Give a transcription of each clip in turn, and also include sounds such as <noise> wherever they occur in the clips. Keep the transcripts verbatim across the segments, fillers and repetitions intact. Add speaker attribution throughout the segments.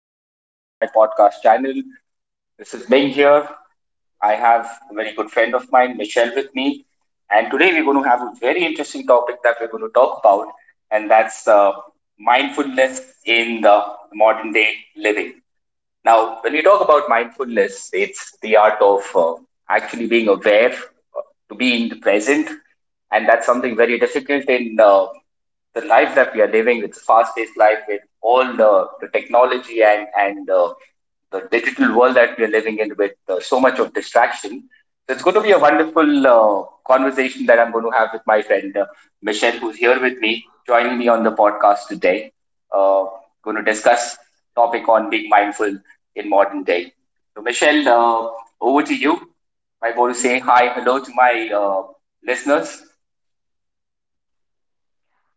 Speaker 1: Welcome back to my podcast channel. This is Ming here. I have a very good friend of mine, Michelle, with me. And today we're going to have a very interesting topic that we're going to talk about, and that's uh, mindfulness in the modern day living. Now, when we talk about mindfulness, it's the art of uh, actually being aware, uh, to be in the present, and that's something very difficult in uh, the life that we are living. It's a fast-paced life with all the, the technology and and uh, the digital world that we are living in with uh, so much of distraction. So it's going to be a wonderful uh, conversation that I'm going to have with my friend uh, Michelle, who's here with me, joining me on the podcast today uh, going to discuss topic on being mindful in modern day. So Michelle, uh, over to you. I want to say hi, hello to my uh, listeners.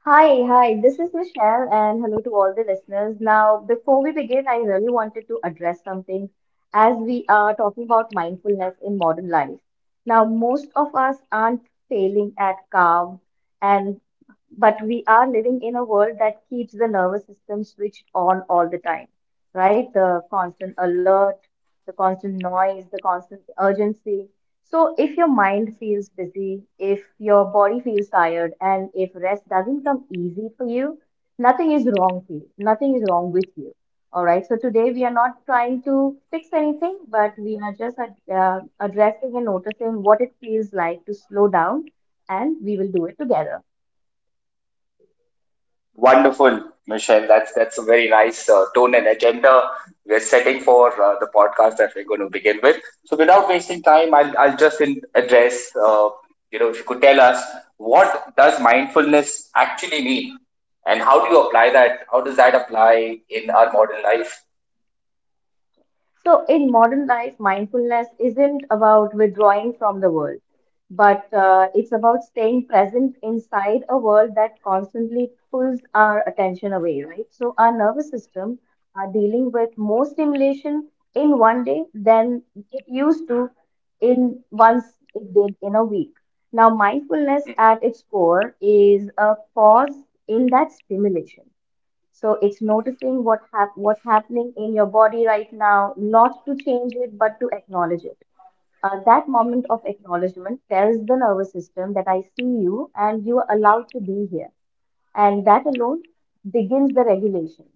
Speaker 2: Hi, hi, this is Michelle, and hello to all the listeners. Now, before we begin, I really wanted to address something as we are talking about mindfulness in modern life. Now, most of us aren't failing at calm, and but we are living in a world that keeps the nervous system switched on all the time, right? The constant alert, the constant noise, the constant urgency. So, if your mind feels busy, if your body feels tired, and if rest doesn't come easy for you, nothing is wrong for you. Nothing is wrong with you. All right. So, today we are not trying to fix anything, but we are just uh, addressing and noticing what it feels like to slow down, and we will do it together.
Speaker 1: Wonderful, Michelle. That's that's a very nice uh, tone and agenda we're setting for uh, the podcast that we're going to begin with. So without wasting time, I'll I'll just in address. Uh, you know, if you could tell us what does mindfulness actually mean, and how do you apply that? How does that apply in our modern life?
Speaker 2: So, in modern life, mindfulness isn't about withdrawing from the world, but uh, it's about staying present inside a world that constantly pulls our attention away, right? So, our nervous system are dealing with more stimulation in one day than it used to in once it did in a week. Now, mindfulness at its core is a pause in that stimulation, so it's noticing what hap- what's happening in your body right now, not to change it, but to acknowledge it. Uh, that moment of acknowledgement tells the nervous system that I see you and you are allowed to be here. And that alone begins the regulation.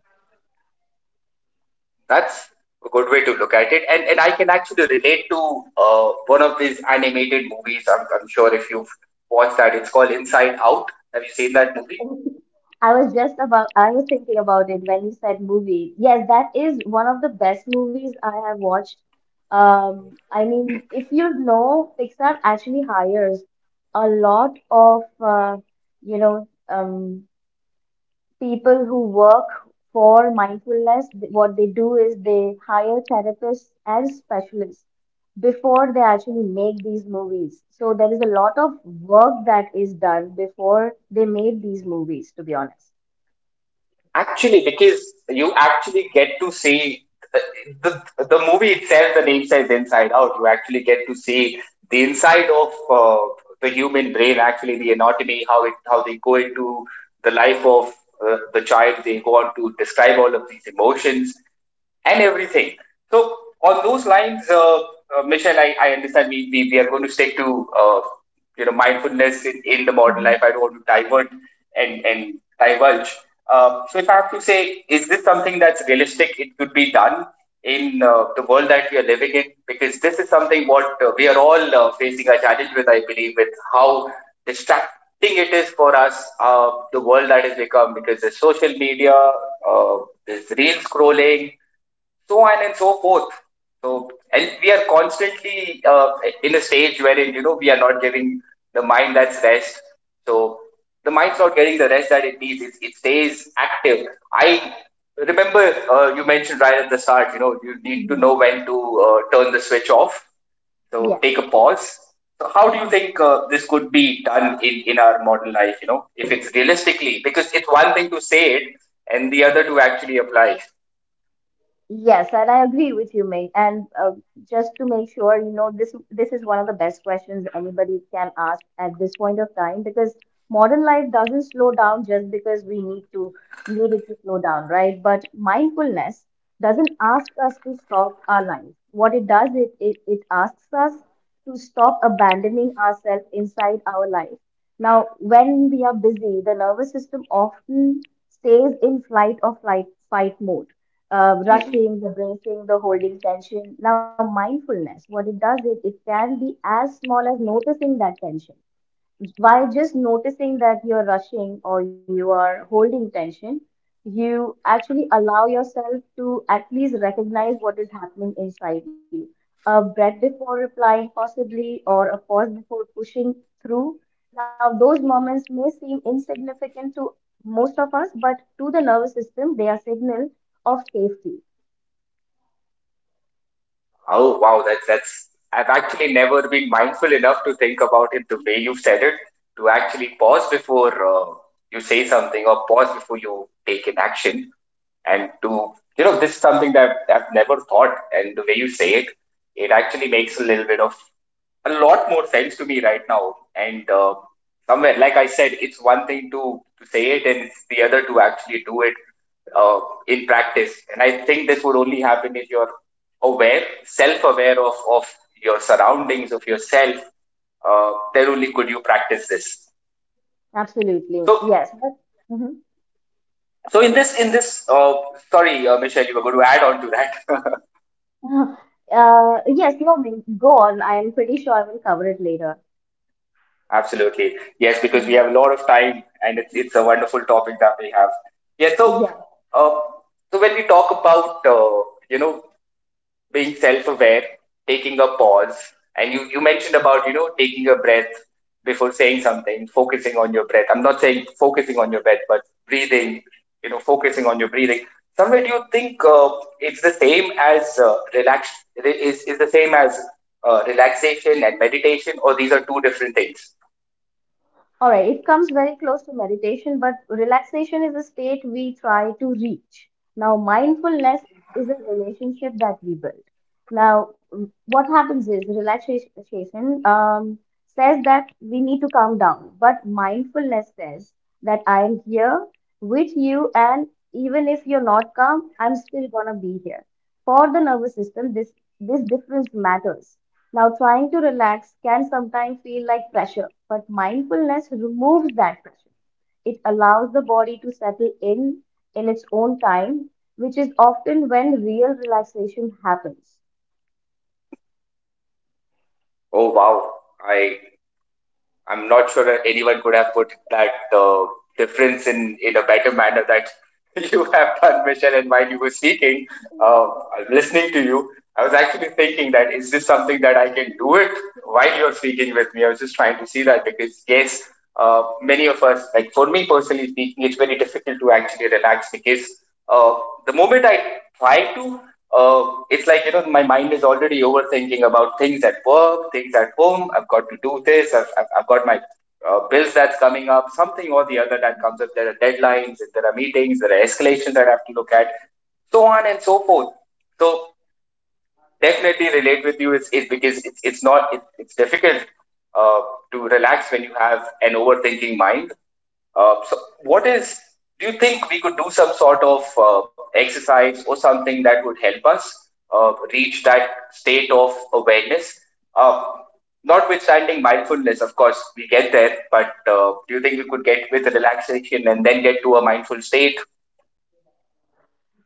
Speaker 1: That's a good way to look at it, and and I can actually relate to uh, one of these animated movies. I'm, I'm sure if you've watched that, it's called Inside Out. Have you seen that movie?
Speaker 2: I was just about, I was thinking about it when you said movie. Yes, that is one of the best movies I have watched. Um, I mean, if you know, Pixar actually hires a lot of, uh, you know, um, people who work for mindfulness. Th- what they do is they hire therapists as specialists before they actually make these movies. So there is a lot of work that is done before they made these movies, to be honest.
Speaker 1: Actually, because you actually get to see the, the, the movie itself, the name says Inside Out, you actually get to see the inside of uh, the human brain, actually, the anatomy, how it how they go into the life of uh, the child, they go on to describe all of these emotions and everything. So, on those lines, uh, uh, Michelle, I, I understand we, we, we are going to stick to. Uh, you know mindfulness in, in the modern life. I
Speaker 2: Hmm.
Speaker 1: don't want to divert and and divulge. Uh, so if I have to say, is this something that's realistic? It could be done in uh, the world that we are living in because this is something what uh, we are all uh, facing a challenge with. I believe with how distracting it is for us, uh, the world that has become because there's social media, uh, there's real scrolling, so on and so forth. So, and we are constantly uh, in a stage wherein you know we are not giving the mind that's rest. So the mind's not getting the rest that it needs. It, it stays active. I remember uh, you mentioned right at the start. You know you need to
Speaker 2: Hmm.
Speaker 1: know when to uh, turn the switch off. So take a
Speaker 2: Yes.
Speaker 1: pause. So how do you think uh, this could be done in in our modern life? You know if it's realistically because it's one thing to say it and the other to actually apply.
Speaker 2: Yes, and I agree with you, May. And uh, just to make sure, you know, this this is one of the best questions anybody can ask at this point of time, because modern life doesn't slow down just because we need to need it to slow down, right? But mindfulness doesn't ask us to stop our life. What it does, it it, it asks us to stop abandoning ourselves inside our life. Now, when we are busy, the nervous system often stays in flight or flight fight mode, uh, rushing, the bracing, the holding tension. Now, mindfulness, what it does is it can be as small as noticing that tension. By just noticing that you're rushing or you are holding tension, you actually allow yourself to at least recognize what is happening inside you. A breath before replying, possibly, or a pause before pushing through. Now, those moments may seem insignificant to most of us, but to the nervous system, they are signal of safety.
Speaker 1: Oh wow, that's that's I've actually never been mindful enough to think about it the way you said it, to actually pause before uh, you say something or pause before you take an action. And to, you know, this is something that I've never thought, and the way you say it, it actually makes a little bit of a lot more sense to me right now. And uh, somewhere, like I said, it's one thing to, to say it, and it's the other to actually do it uh, in practice. And I think this would only happen if you're aware, self-aware of of your surroundings, of yourself. Uh, then only could you practice this.
Speaker 2: Absolutely.
Speaker 1: So,
Speaker 2: Yes. But,
Speaker 1: so in this in this, uh, sorry, uh, Michelle, you were going to add on to that. <laughs>
Speaker 2: mhm. <laughs> Uh, yes, no, go on. I am pretty sure I will cover it later.
Speaker 1: Absolutely. Yes, because we have
Speaker 2: Mhm.
Speaker 1: a lot of time and it's, it's a wonderful topic that we have. Yeah, so uh, so when we talk about uh, you know being self-aware, taking a pause, and you, you mentioned about you know taking a breath before saying something, focusing on your breath. I'm not saying focusing on your breath, but breathing, you know, focusing on your breathing. Somewhere, do you think uh, it's the same as uh, relax? Is is the same as uh, relaxation and meditation, or these are two different things?
Speaker 2: All right, it comes very close to meditation, but relaxation is a state we try to reach. Now, mindfulness is a relationship that we build. Now, what happens is relaxation um, says that we need to calm down, but mindfulness says that I am here with you, and even if you're not calm, I'm still gonna be here. For the nervous system, this this difference matters. Now, trying to relax can sometimes feel like pressure, but mindfulness removes that pressure. It allows the body to settle in in its own time, which is often when real relaxation happens.
Speaker 1: Oh wow! I I'm not sure that anyone could have put that uh, difference in in a better manner that <laughs> you have done, Michelle. And while you were speaking, uh, listening to you, I was actually thinking that is this something that I can do it while you're speaking with me? I was just trying to see that because yes, uh, many of us, like for me personally speaking, it's very difficult to actually relax because uh, the moment I try to uh, it's like, you know, my mind is already overthinking about things at work, things at home. I've got to do this. I've, I've, I've got my uh, bills that's coming up, something or the other that comes up. There are deadlines, if there are meetings, there are escalations that I have to look at, so on and so forth. So definitely relate with you. It's, it's because it's, it's not, it, it's difficult uh, to relax when you have an overthinking mind. Uh, so what is, do you think we could do some sort of uh, exercise or something that would help us uh, reach that state of awareness? Uh, notwithstanding mindfulness, of course, we get there, but uh, do you think we could get with relaxation and then get to a mindful state?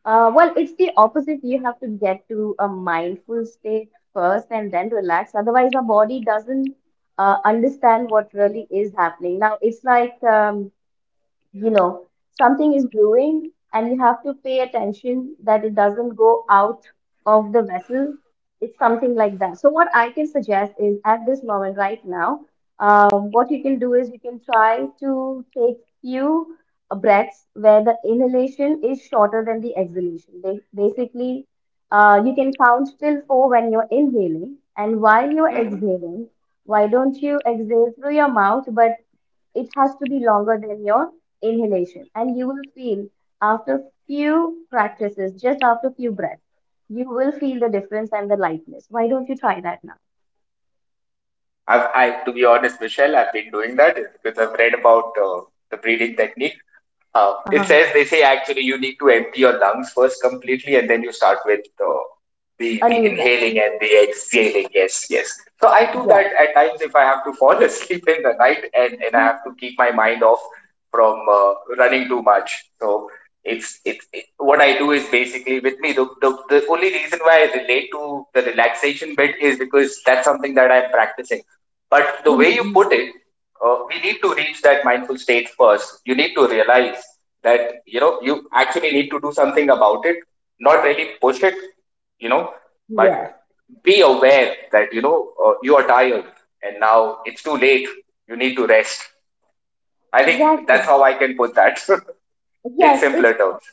Speaker 2: Uh, well, it's the opposite. You have to get to a mindful state first and then relax. Otherwise, our body doesn't uh, understand what really is happening. Now, it's like um, you know something is brewing and you have to pay attention that it doesn't go out of the vessel. It's something like that. So what I can suggest is, at this moment right now, um, what you can do is you can try to take few breaths where the inhalation is shorter than the exhalation. Ba- basically uh, you can count till four when you're inhaling, and while you're
Speaker 1: hmm
Speaker 2: exhaling, why don't you exhale through your mouth, but it has to be longer than your inhalation. And you will feel, after few practices, just after few breaths, you will feel the difference and the lightness. Why don't you try that now?
Speaker 1: I've, I, to be honest, Michelle, I've been doing that because I've read about uh, the breathing technique. Uh, it
Speaker 2: Uh-huh.
Speaker 1: says they say actually you need to empty your lungs first completely, and then you start with uh, the
Speaker 2: A
Speaker 1: the
Speaker 2: new breath.
Speaker 1: inhaling and the exhaling. Yes, yes. So I
Speaker 2: Yes.
Speaker 1: do that at times if I have to fall <laughs> asleep in the night, and and I have to keep my mind off from uh, running too much. So it's it's it, what I do is basically with me the, the the only reason why I relate to the relaxation bit is because that's something that I'm practicing. But the way you put
Speaker 2: <laughs>
Speaker 1: it uh, we need to reach that mindful state first. You need to realize that you know you actually need to do something about it, not really push it, you know, but
Speaker 2: Yes,
Speaker 1: be aware that you know uh, you are tired and now it's too late. You need to rest. I think that's
Speaker 2: exactly.
Speaker 1: how I can put that <laughs> in
Speaker 2: Yes, it's
Speaker 1: simpler terms.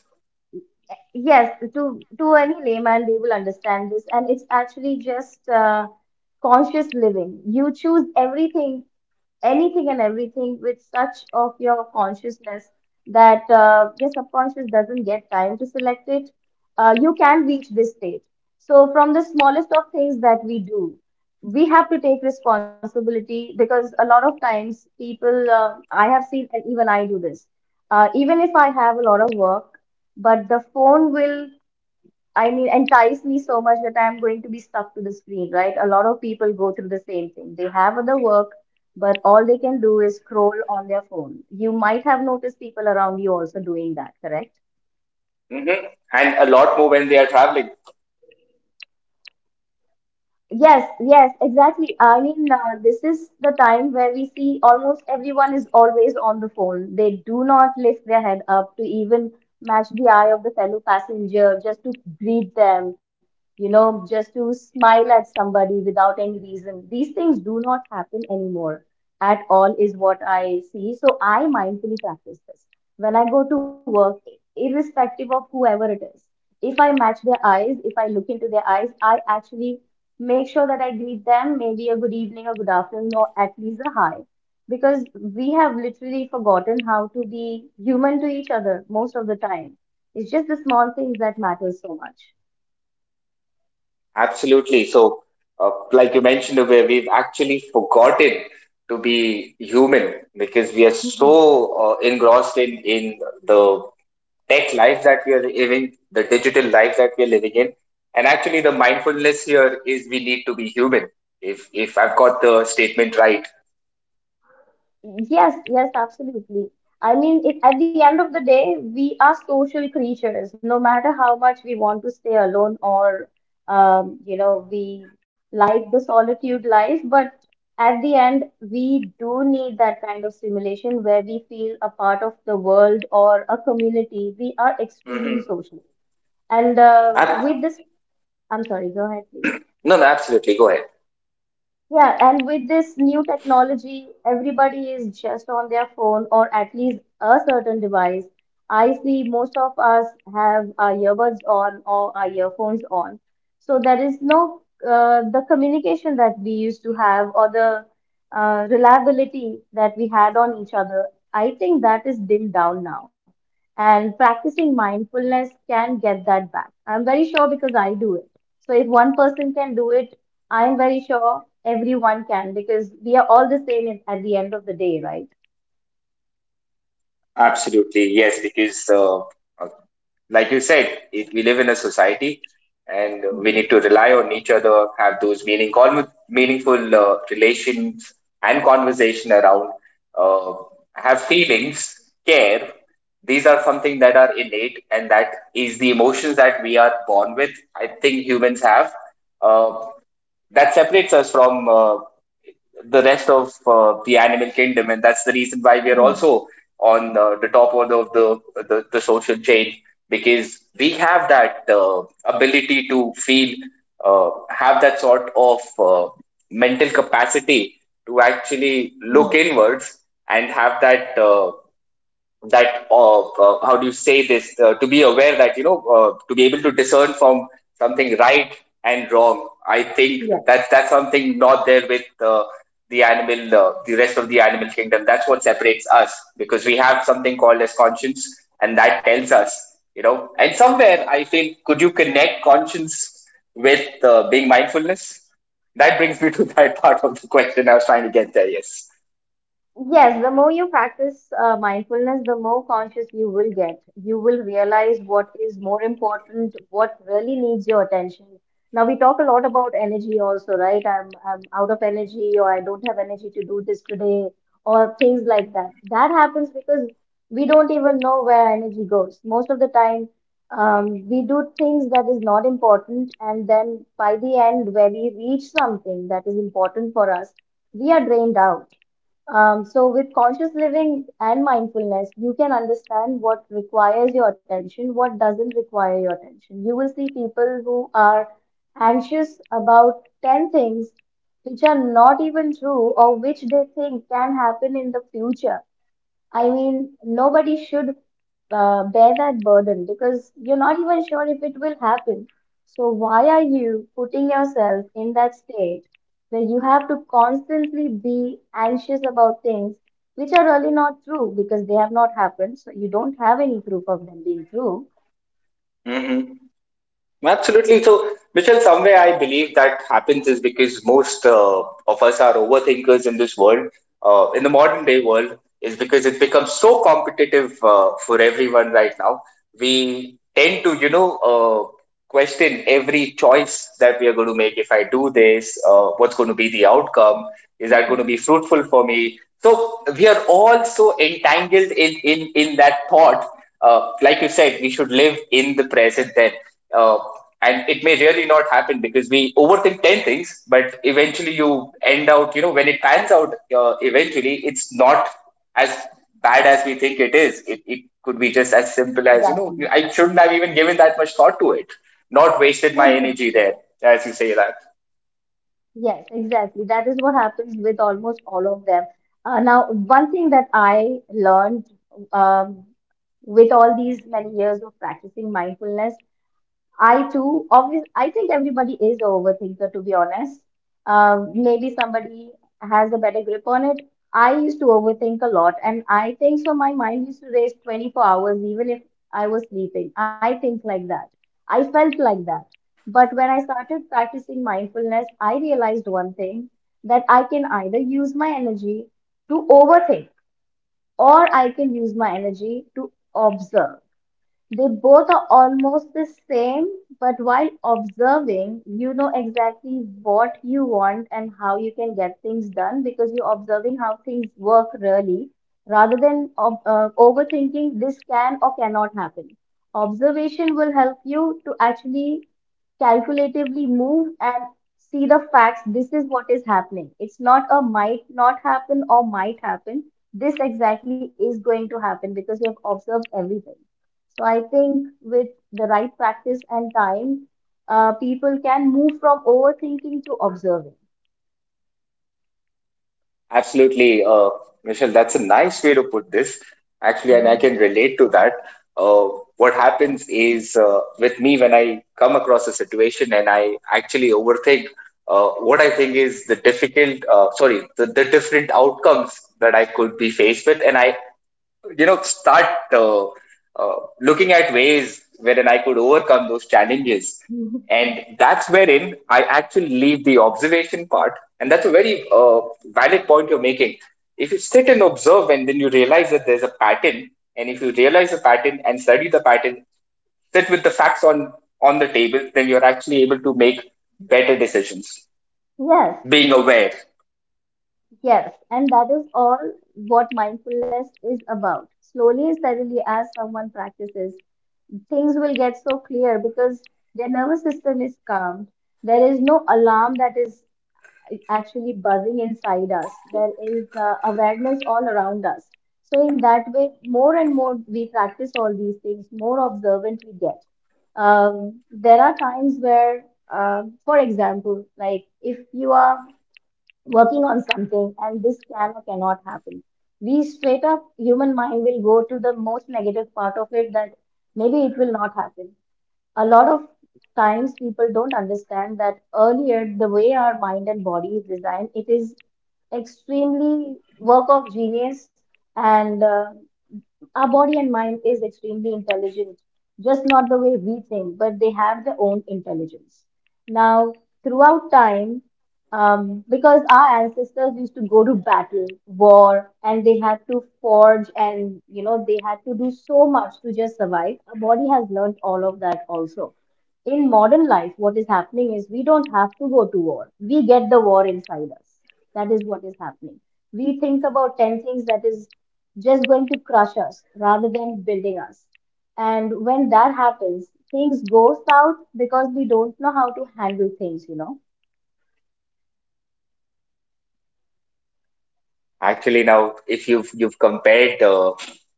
Speaker 2: yes to to any layman, they will understand this, and it's actually just uh, conscious living. You choose everything anything and everything with such of your consciousness that uh, your subconscious doesn't get time to select it. Uh, you can reach this state. So from the smallest of things that we do, we have to take responsibility, because a lot of times people, uh, I have seen, and even I do this, uh, even if I have a lot of work, but the phone will, I mean, entice me so much that I'm going to be stuck to the screen, right? A lot of people go through the same thing. They have other work, but all they can do is scroll on their phone. You might have noticed people around you also doing that, correct?
Speaker 1: hmm And a lot more when they are traveling.
Speaker 2: Yes, yes, exactly. I mean, uh, this is the time where we see almost everyone is always on the phone. They do not lift their head up to even match the eye of the fellow passenger, just to greet them, you know, just to smile at somebody without any reason. These things do not happen anymore at all, is what I see. So I mindfully practice this. When I go to work, irrespective of whoever it is, if I match their eyes, if I look into their eyes, I actually make sure that I greet them, maybe a good evening, a good afternoon, or at least a hi, because we have literally forgotten how to be human to each other most of the time. It's just the small things that matter so
Speaker 1: Absolutely. So, uh, like you mentioned, where we've actually forgotten to be human because we are
Speaker 2: much.
Speaker 1: so uh, engrossed in in the tech life that we are living, the digital life that we are living in, and actually the mindfulness here is we need to be human. If if I've got the statement right.
Speaker 2: Yes, yes, absolutely. I mean, it, at the end of the day, we are social creatures. No matter how much we want to stay alone, or um, you know, we like the solitude life, but at the end, we do need that kind of stimulation where we feel a part of the world or a community. We are extremely
Speaker 1: Mm-hmm.
Speaker 2: social. And uh,
Speaker 1: Ab-
Speaker 2: with this, I'm sorry, go ahead, please.
Speaker 1: no, no, absolutely. Go ahead.
Speaker 2: Yeah, and with this new technology, everybody is just on their phone or at least a certain device. I see most of us have our earbuds on or our earphones on. So there is no uh, the communication that we used to have, or the uh, reliability that we had on each other. I think that is dimmed down now. And practicing mindfulness can get that back. I'm very sure because I do it. So if one person can do it, I'm very sure everyone can, because we are all the same at at the end of the day, right?
Speaker 1: Absolutely, yes, because uh, like you said, it, we live in a society and we
Speaker 2: Mm-hmm.
Speaker 1: need to rely on each other, have those meaning, con- meaningful uh, relations and conversation around, uh, have feelings, care. These are something that are innate and that is the emotions that we are born with. I think humans have. Uh, that separates us from uh, the rest of uh, the animal kingdom, and that's the reason why we are
Speaker 2: Mm-hmm.
Speaker 1: also on uh, the top of the, of the the the social chain because we have that uh, ability to feel, uh, have that sort of uh, mental capacity to actually look
Speaker 2: Mm-hmm.
Speaker 1: inwards and have that uh, that uh, uh, how do you say this uh, to be aware that you know uh, to be able to discern from something right and wrong. I think that that's something not there with uh, the animal uh, the rest of the animal kingdom. That's what separates us because we have something called as conscience, and that tells us, you know. And somewhere I feel, could you connect conscience with uh, being mindfulness? That brings me to <laughs> that part of the question I was trying to get there. Yes.
Speaker 2: Yes, the more you practice uh, mindfulness, the more conscious you will get. You will realize what is more important, what really needs your attention. Now we talk a lot about energy also, right? I'm I'm out of energy, or I don't have energy to do this today, or things like that. That happens because we don't even know where energy goes. Most of the time, um, we do things that is not important, and then by the end, where we reach something that is important for us, we are drained out. Um, so, with conscious living and mindfulness, you can understand what requires your attention, what doesn't require your attention. You will see people who are anxious about ten things which are not even true, or which they think can happen in the future. I mean, nobody should uh, bear that burden because you're not even sure if it will happen. So, why are you putting yourself in that state where you have to constantly be anxious about things which are really not true because they have not happened? So, you don't have any proof of them being true.
Speaker 1: hmm Absolutely. So, Michelle, some way I believe that happens is because most uh, of us are overthinkers in this world, uh, in the modern day world, is because it becomes so competitive uh, for everyone right now. We tend to, you know, uh, question every choice that we are going to make. If I do this, uh, what's going to be the outcome? Is that going to
Speaker 2: Mhm.
Speaker 1: be fruitful for me? So we are all so entangled in in in that thought. Uh, like you said, we should live in the present then uh, and it may really not happen because we overthink ten things but eventually you end out, you know when it pans out uh, eventually it's not as bad as we think it is. It, it could be just as simple as, you know
Speaker 2: Exactly.
Speaker 1: I shouldn't have even given that much thought to it, not wasted my energy
Speaker 2: Exactly.
Speaker 1: there, as you say that.
Speaker 2: Yes, exactly. That is what happens with almost all of them. Uh, now, one thing that I learned, um, with all these many years of practicing mindfulness. I too, obvious, I think everybody is a overthinker, to be honest. Um, maybe somebody has a better grip on it. I used to overthink a lot, and I think so. My mind used to race twenty-four hours, even if I was sleeping. I think like that. I felt like that. But when I started practicing mindfulness, I realized one thing, that I can either use my energy to overthink, or I can use my energy to observe. They both are almost the same, but while observing, you know exactly what you want and how you can get things done because you're observing how things work really rather than ob- uh, overthinking this can or cannot happen. Observation will help you to actually calculatively move and see the facts. This is what is happening. It's not a might not happen or might happen. This exactly is going to happen because you have observed everything. So I think with the right practice and time, uh, people can move from overthinking to observing.
Speaker 1: Absolutely, uh, Michelle, that's a nice way to put this. Actually, and I can
Speaker 2: Mhm.
Speaker 1: relate to that. Uh, what happens is, uh, with me, when I come across a situation and I actually overthink, uh, what I think is the difficult, uh, sorry, the, the different outcomes that I could be faced with, and I, you know, start uh, uh, looking at ways wherein I could overcome those challenges,
Speaker 2: Mhm.
Speaker 1: and that's wherein I actually leave the observation part. And that's a very uh, valid point you're making. If you sit and observe and then you realize that there's a pattern, and if you realize a pattern and study the pattern, sit with the facts on on the table, then you're actually able to make better decisions,
Speaker 2: Yes,
Speaker 1: being aware.
Speaker 2: yes, and that is all what mindfulness is about. Slowly and steadily, as someone practices, things will get so clear because their nervous system is calmed. There is no alarm that is actually buzzing inside us. There is uh, awareness all around us. So, in that way, more and more we practice all these things, more observant we get. Um, there are times where, uh, for example, like if you are working on something and this can or cannot happen, we straight up human mind will go to the most negative part of it that maybe it will not happen. A lot of times people don't understand that earlier the way our mind and body is designed, it is extremely work of genius, and uh, our body and mind is extremely intelligent, just not the way we think, but they have their own intelligence. Now, throughout time, um, because our ancestors used to go to battle, war, and they had to forge and, you know, they had to do so much to just survive, our body has learned all of that also. In modern life, what is happening is we don't have to go to war. We get the war inside us. That is what is happening. We think about ten things that is just going to crush us rather than building us. And when that happens, things go south because we don't know how to handle things, you know.
Speaker 1: Actually, now if you've you've compared uh,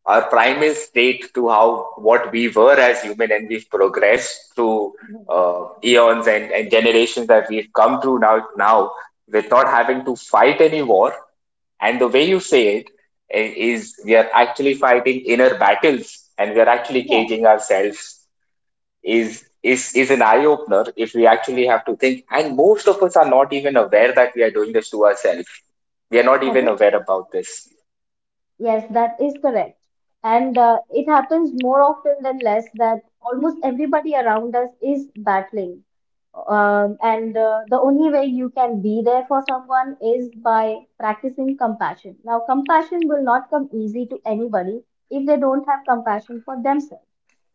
Speaker 1: our primal state to how what we were as human, and we've progressed through
Speaker 2: Mhm.
Speaker 1: uh, eons and, and generations that we've come through, now now with not having to fight any war. And the way you say it, i- is, we are actually fighting inner battles, and we are actually
Speaker 2: Yeah,
Speaker 1: caging ourselves. Is is is an eye opener, if we actually have to think. And most of us are not even aware that we are doing this to ourselves. We are not
Speaker 2: that
Speaker 1: even
Speaker 2: is.
Speaker 1: aware about this.
Speaker 2: Yes, that is correct. And uh, it happens more often than less that almost everybody around us is battling. Um, and uh, The only way you can be there for someone is by practicing compassion. Now, compassion will not come easy to anybody if they don't have compassion for themselves.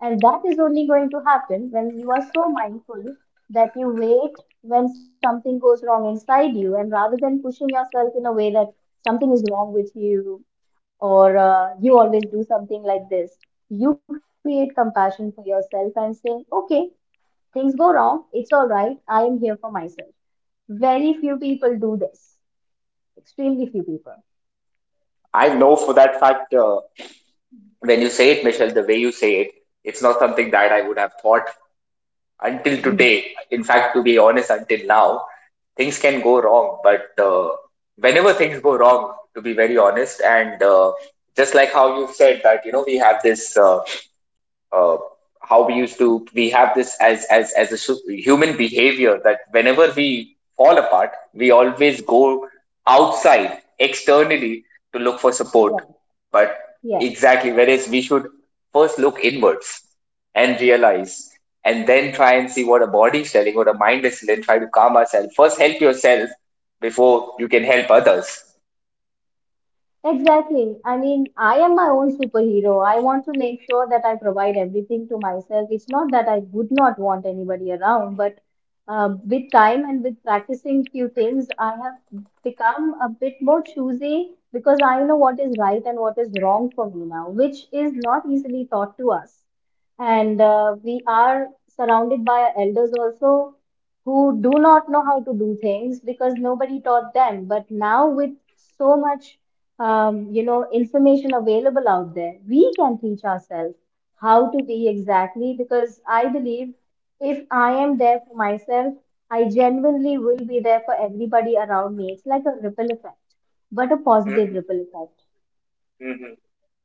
Speaker 2: And that is only going to happen when you are so mindful that you wait when something goes wrong inside you, and rather than pushing yourself in a way that something is wrong with you or uh, you always do something like this. You create compassion for yourself and say, okay, things go wrong. It's all right. I am here for myself. Very few people do this. Extremely few people.
Speaker 1: I know for that fact, uh, when you say it, Michelle, the way you say it, it's not something that I would have thought until
Speaker 2: Mhm.
Speaker 1: today. In fact, to be honest, until now, things can go wrong. But uh, whenever things go wrong, to be very honest, and uh, just like how you said that, you know, we have this uh, uh, how we used to, we have this as as as a su- human behavior, that whenever we fall apart we always go outside, externally, to look for support,
Speaker 2: Yeah.
Speaker 1: but
Speaker 2: Yes.
Speaker 1: exactly, whereas we should first look inwards and realize, and then try and see what a body is telling, what a mind is telling, try to calm ourselves first, help yourself before you can help others.
Speaker 2: Exactly. I mean, I am my own superhero. I want to make sure that I provide everything to myself. It's not that I would not want anybody around, but uh, with time and with practicing few things, I have become a bit more choosy because I know what is right and what is wrong for me now, which is not easily taught to us. And uh, we are surrounded by our elders also who do not know how to do things because nobody taught them. But now, with so much um, you know, information available out there, we can teach ourselves how to be exactly because I believe if I am there for myself, I genuinely will be there for everybody around me. It's like a ripple effect, but a positive ripple effect.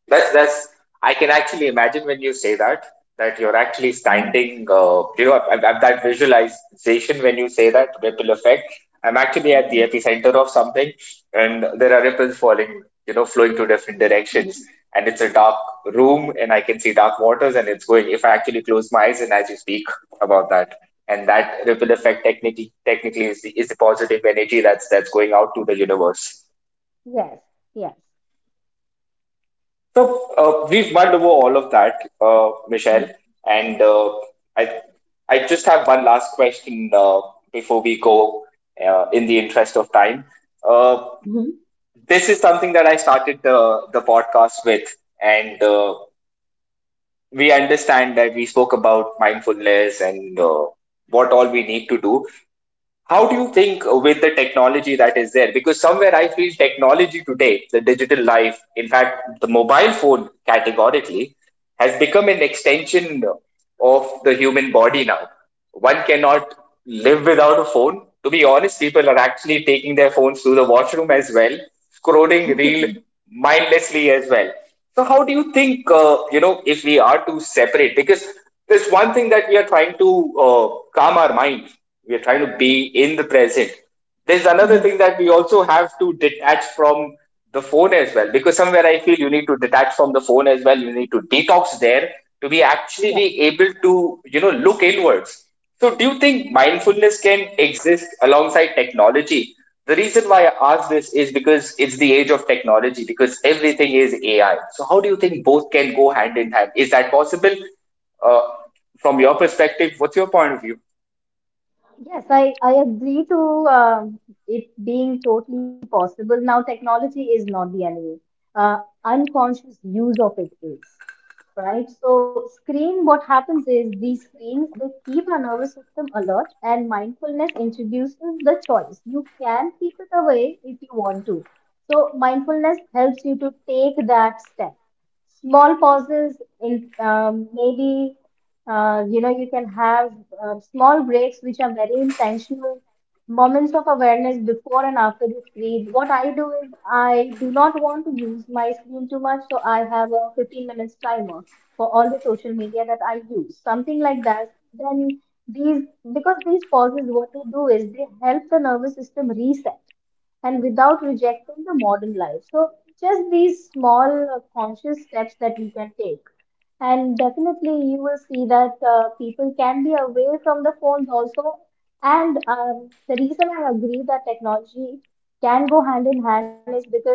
Speaker 1: That's that's. I can actually imagine when you say that, that you're actually
Speaker 2: Mhm.
Speaker 1: standing. Uh, you know, I, I, that visualization when you say that ripple effect. I'm actually at the epicenter of something, and there are ripples falling, you know, flowing to different directions, and it's a dark room, and I can see dark waters, and it's going. If I actually close my eyes, and as you speak about that, and that ripple effect technically technically is the, is the positive energy that's that's going out to the universe.
Speaker 2: Yes, yes.
Speaker 1: So uh, we've mulled over all of that, uh, Michelle,
Speaker 2: Mhm.
Speaker 1: and uh, I I just have one last question, uh, before we go, uh, in the interest of time. Uh,
Speaker 2: Mhm.
Speaker 1: this is something that I started the the podcast with, and uh, we understand that we spoke about mindfulness, and uh, what all we need to do. How do you think, uh, with the technology that is there? Because somewhere I feel technology today, the digital life, in fact, the mobile phone categorically, has become an extension of the human body now. One cannot live without a phone. To be honest, people are actually taking their phones to the washroom as well, scrolling reel
Speaker 2: <laughs>
Speaker 1: mindlessly as well. So how do you think, uh, you know, if we are to separate? Because there's one thing that we are trying to, uh, calm our mind. We are trying to
Speaker 2: Mhm.
Speaker 1: be in the present. There's another thing that we also have to detach from the phone as well. Because somewhere I feel you need to detach from the phone as well. You need to detox there to be actually
Speaker 2: Mhm.
Speaker 1: be able to, you know, look inwards. So, do you think
Speaker 2: Yes.
Speaker 1: mindfulness can exist alongside technology? The reason why I ask this is because it's the age of technology, because everything is A I. So, how do you think both can go hand in hand? Is that possible? Uh, from your perspective, what's your point of view?
Speaker 2: Yes, I, I agree to um, it being totally possible. Now, technology is not the enemy. Uh, Unconscious use of it is. Right. So screen, what happens is these screens, they keep our nervous system alert and mindfulness introduces the choice. You can keep it away if you want to. So mindfulness helps you to take that step. Small pauses in um, maybe uh, you know, you can have uh, small breaks which are very intentional moments of awareness before and after the screen. What I do is I do not want to use my screen too much, so I have a fifteen minutes timer for all the social media that I use, something like that. Then these, because these pauses, what they do is they help the nervous system reset and without rejecting the modern life. So just these small uh, conscious steps that we can take. And definitely, you will see that uh, people can be away from the phones also. And um, the reason I agree that technology can go hand in hand is because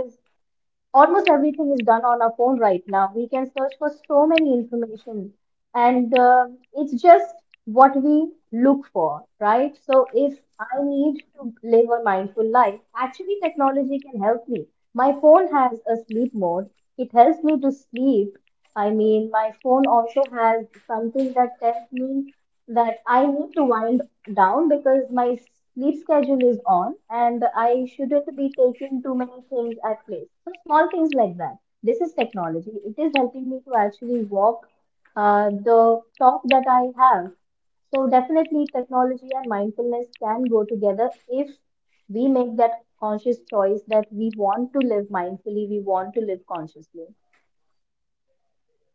Speaker 2: almost everything is done on our phone right now. We can search for so many information, and uh, it's just what we look for, right? So if I need to live a mindful life, actually technology can help me. My phone has a sleep mode. It helps me to sleep. I mean, my phone also has something that tells me that I need to wind down because my sleep schedule is on and I shouldn't be taking too many things at place. So small things like that. This is technology. It is helping me to actually walk uh, the talk that I have. So definitely technology and mindfulness can go together if we make that conscious choice that we want to live mindfully, we want to live consciously.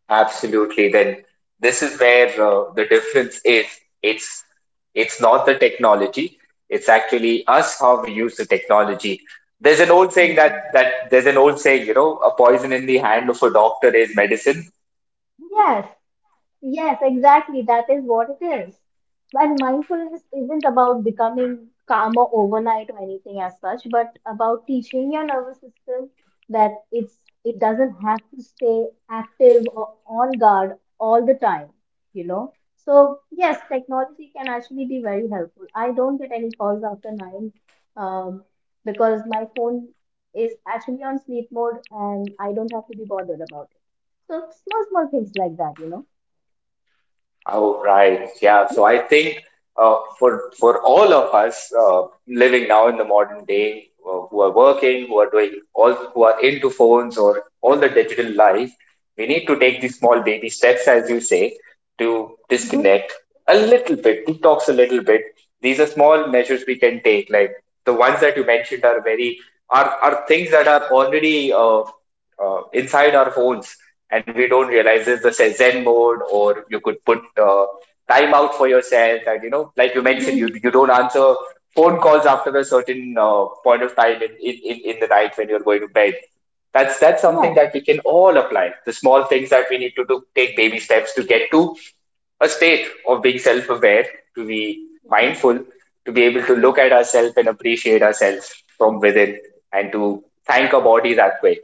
Speaker 1: Absolutely. Then this is where uh, the difference is. It's it's not the technology. It's actually us, how we use the technology. There's an old saying that that there's an old saying, you know, a poison in the hand of a doctor is medicine.
Speaker 2: Yes, yes, exactly. That is what it is. And mindfulness isn't about becoming calmer overnight or anything as such, but about teaching your nervous system that it's it doesn't have to stay active or on guard all the time, you know? So yes, technology can actually be very helpful. I don't get any calls after nine, um, because my phone is actually on sleep mode and I don't have to be bothered about it. So small, small things like that, you know?
Speaker 1: Oh, right. Yeah. So I think uh, for for all of us uh, living now in the modern day, uh, who are working, who are doing all, who are into phones or all the digital life, we need to take these small baby steps, as you say, to
Speaker 2: Mhm.
Speaker 1: disconnect a little bit, detox a little bit. These are small measures we can take. Like the ones that you mentioned are very, are are things that are already uh, uh, inside our phones, and we don't realize this. The zen mode, or you could put uh, time out for yourself, and, you know, like you mentioned,
Speaker 2: Mhm.
Speaker 1: you, you don't answer phone calls after a certain, uh, point of time in, in, in in the night when you're going to bed. That's that's
Speaker 2: Yeah.
Speaker 1: something that we can all apply, the small things that we need to do, take baby steps to get to a state of being self-aware, to be
Speaker 2: Mhm.
Speaker 1: mindful, to be able to look at ourselves and appreciate ourselves from within, and to thank our body that way.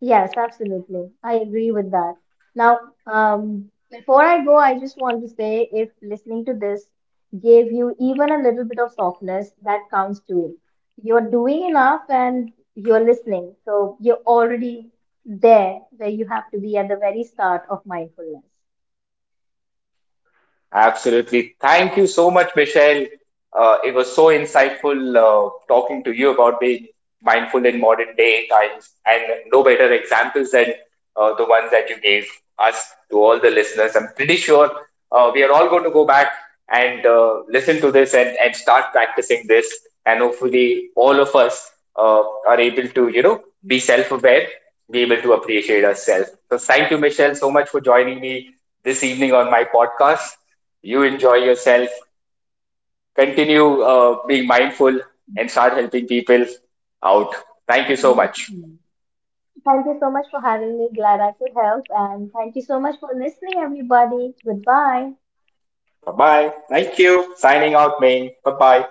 Speaker 2: Yes, absolutely. I agree with that. Now, um, before I go, I just want to say if listening to this gave you even a little bit of softness, that counts too. You're doing enough and you're listening. So you're already there where you have to be at the very start of mindfulness.
Speaker 1: Absolutely. Thank you so much, Michelle. Uh, it was so insightful, uh, talking to you about being mindful in modern day times, and no better examples than uh, the ones that you gave us, to all the listeners. I'm pretty sure uh, we are all going to go back and uh, listen to this, and, and start practicing this. And hopefully, all of us uh, are able to, you know, be self aware, be able to appreciate ourselves. So, thank you, Michelle, so much for joining me this evening on my podcast. You enjoy yourself. Continue uh, being mindful and start helping people out. Thank you
Speaker 2: Yes.
Speaker 1: so much.
Speaker 2: Mm. Thank you so much for having me. Glad I could help. And thank you so much for listening, everybody. Goodbye.
Speaker 1: Bye bye. Thank you. Signing out, man. Bye bye.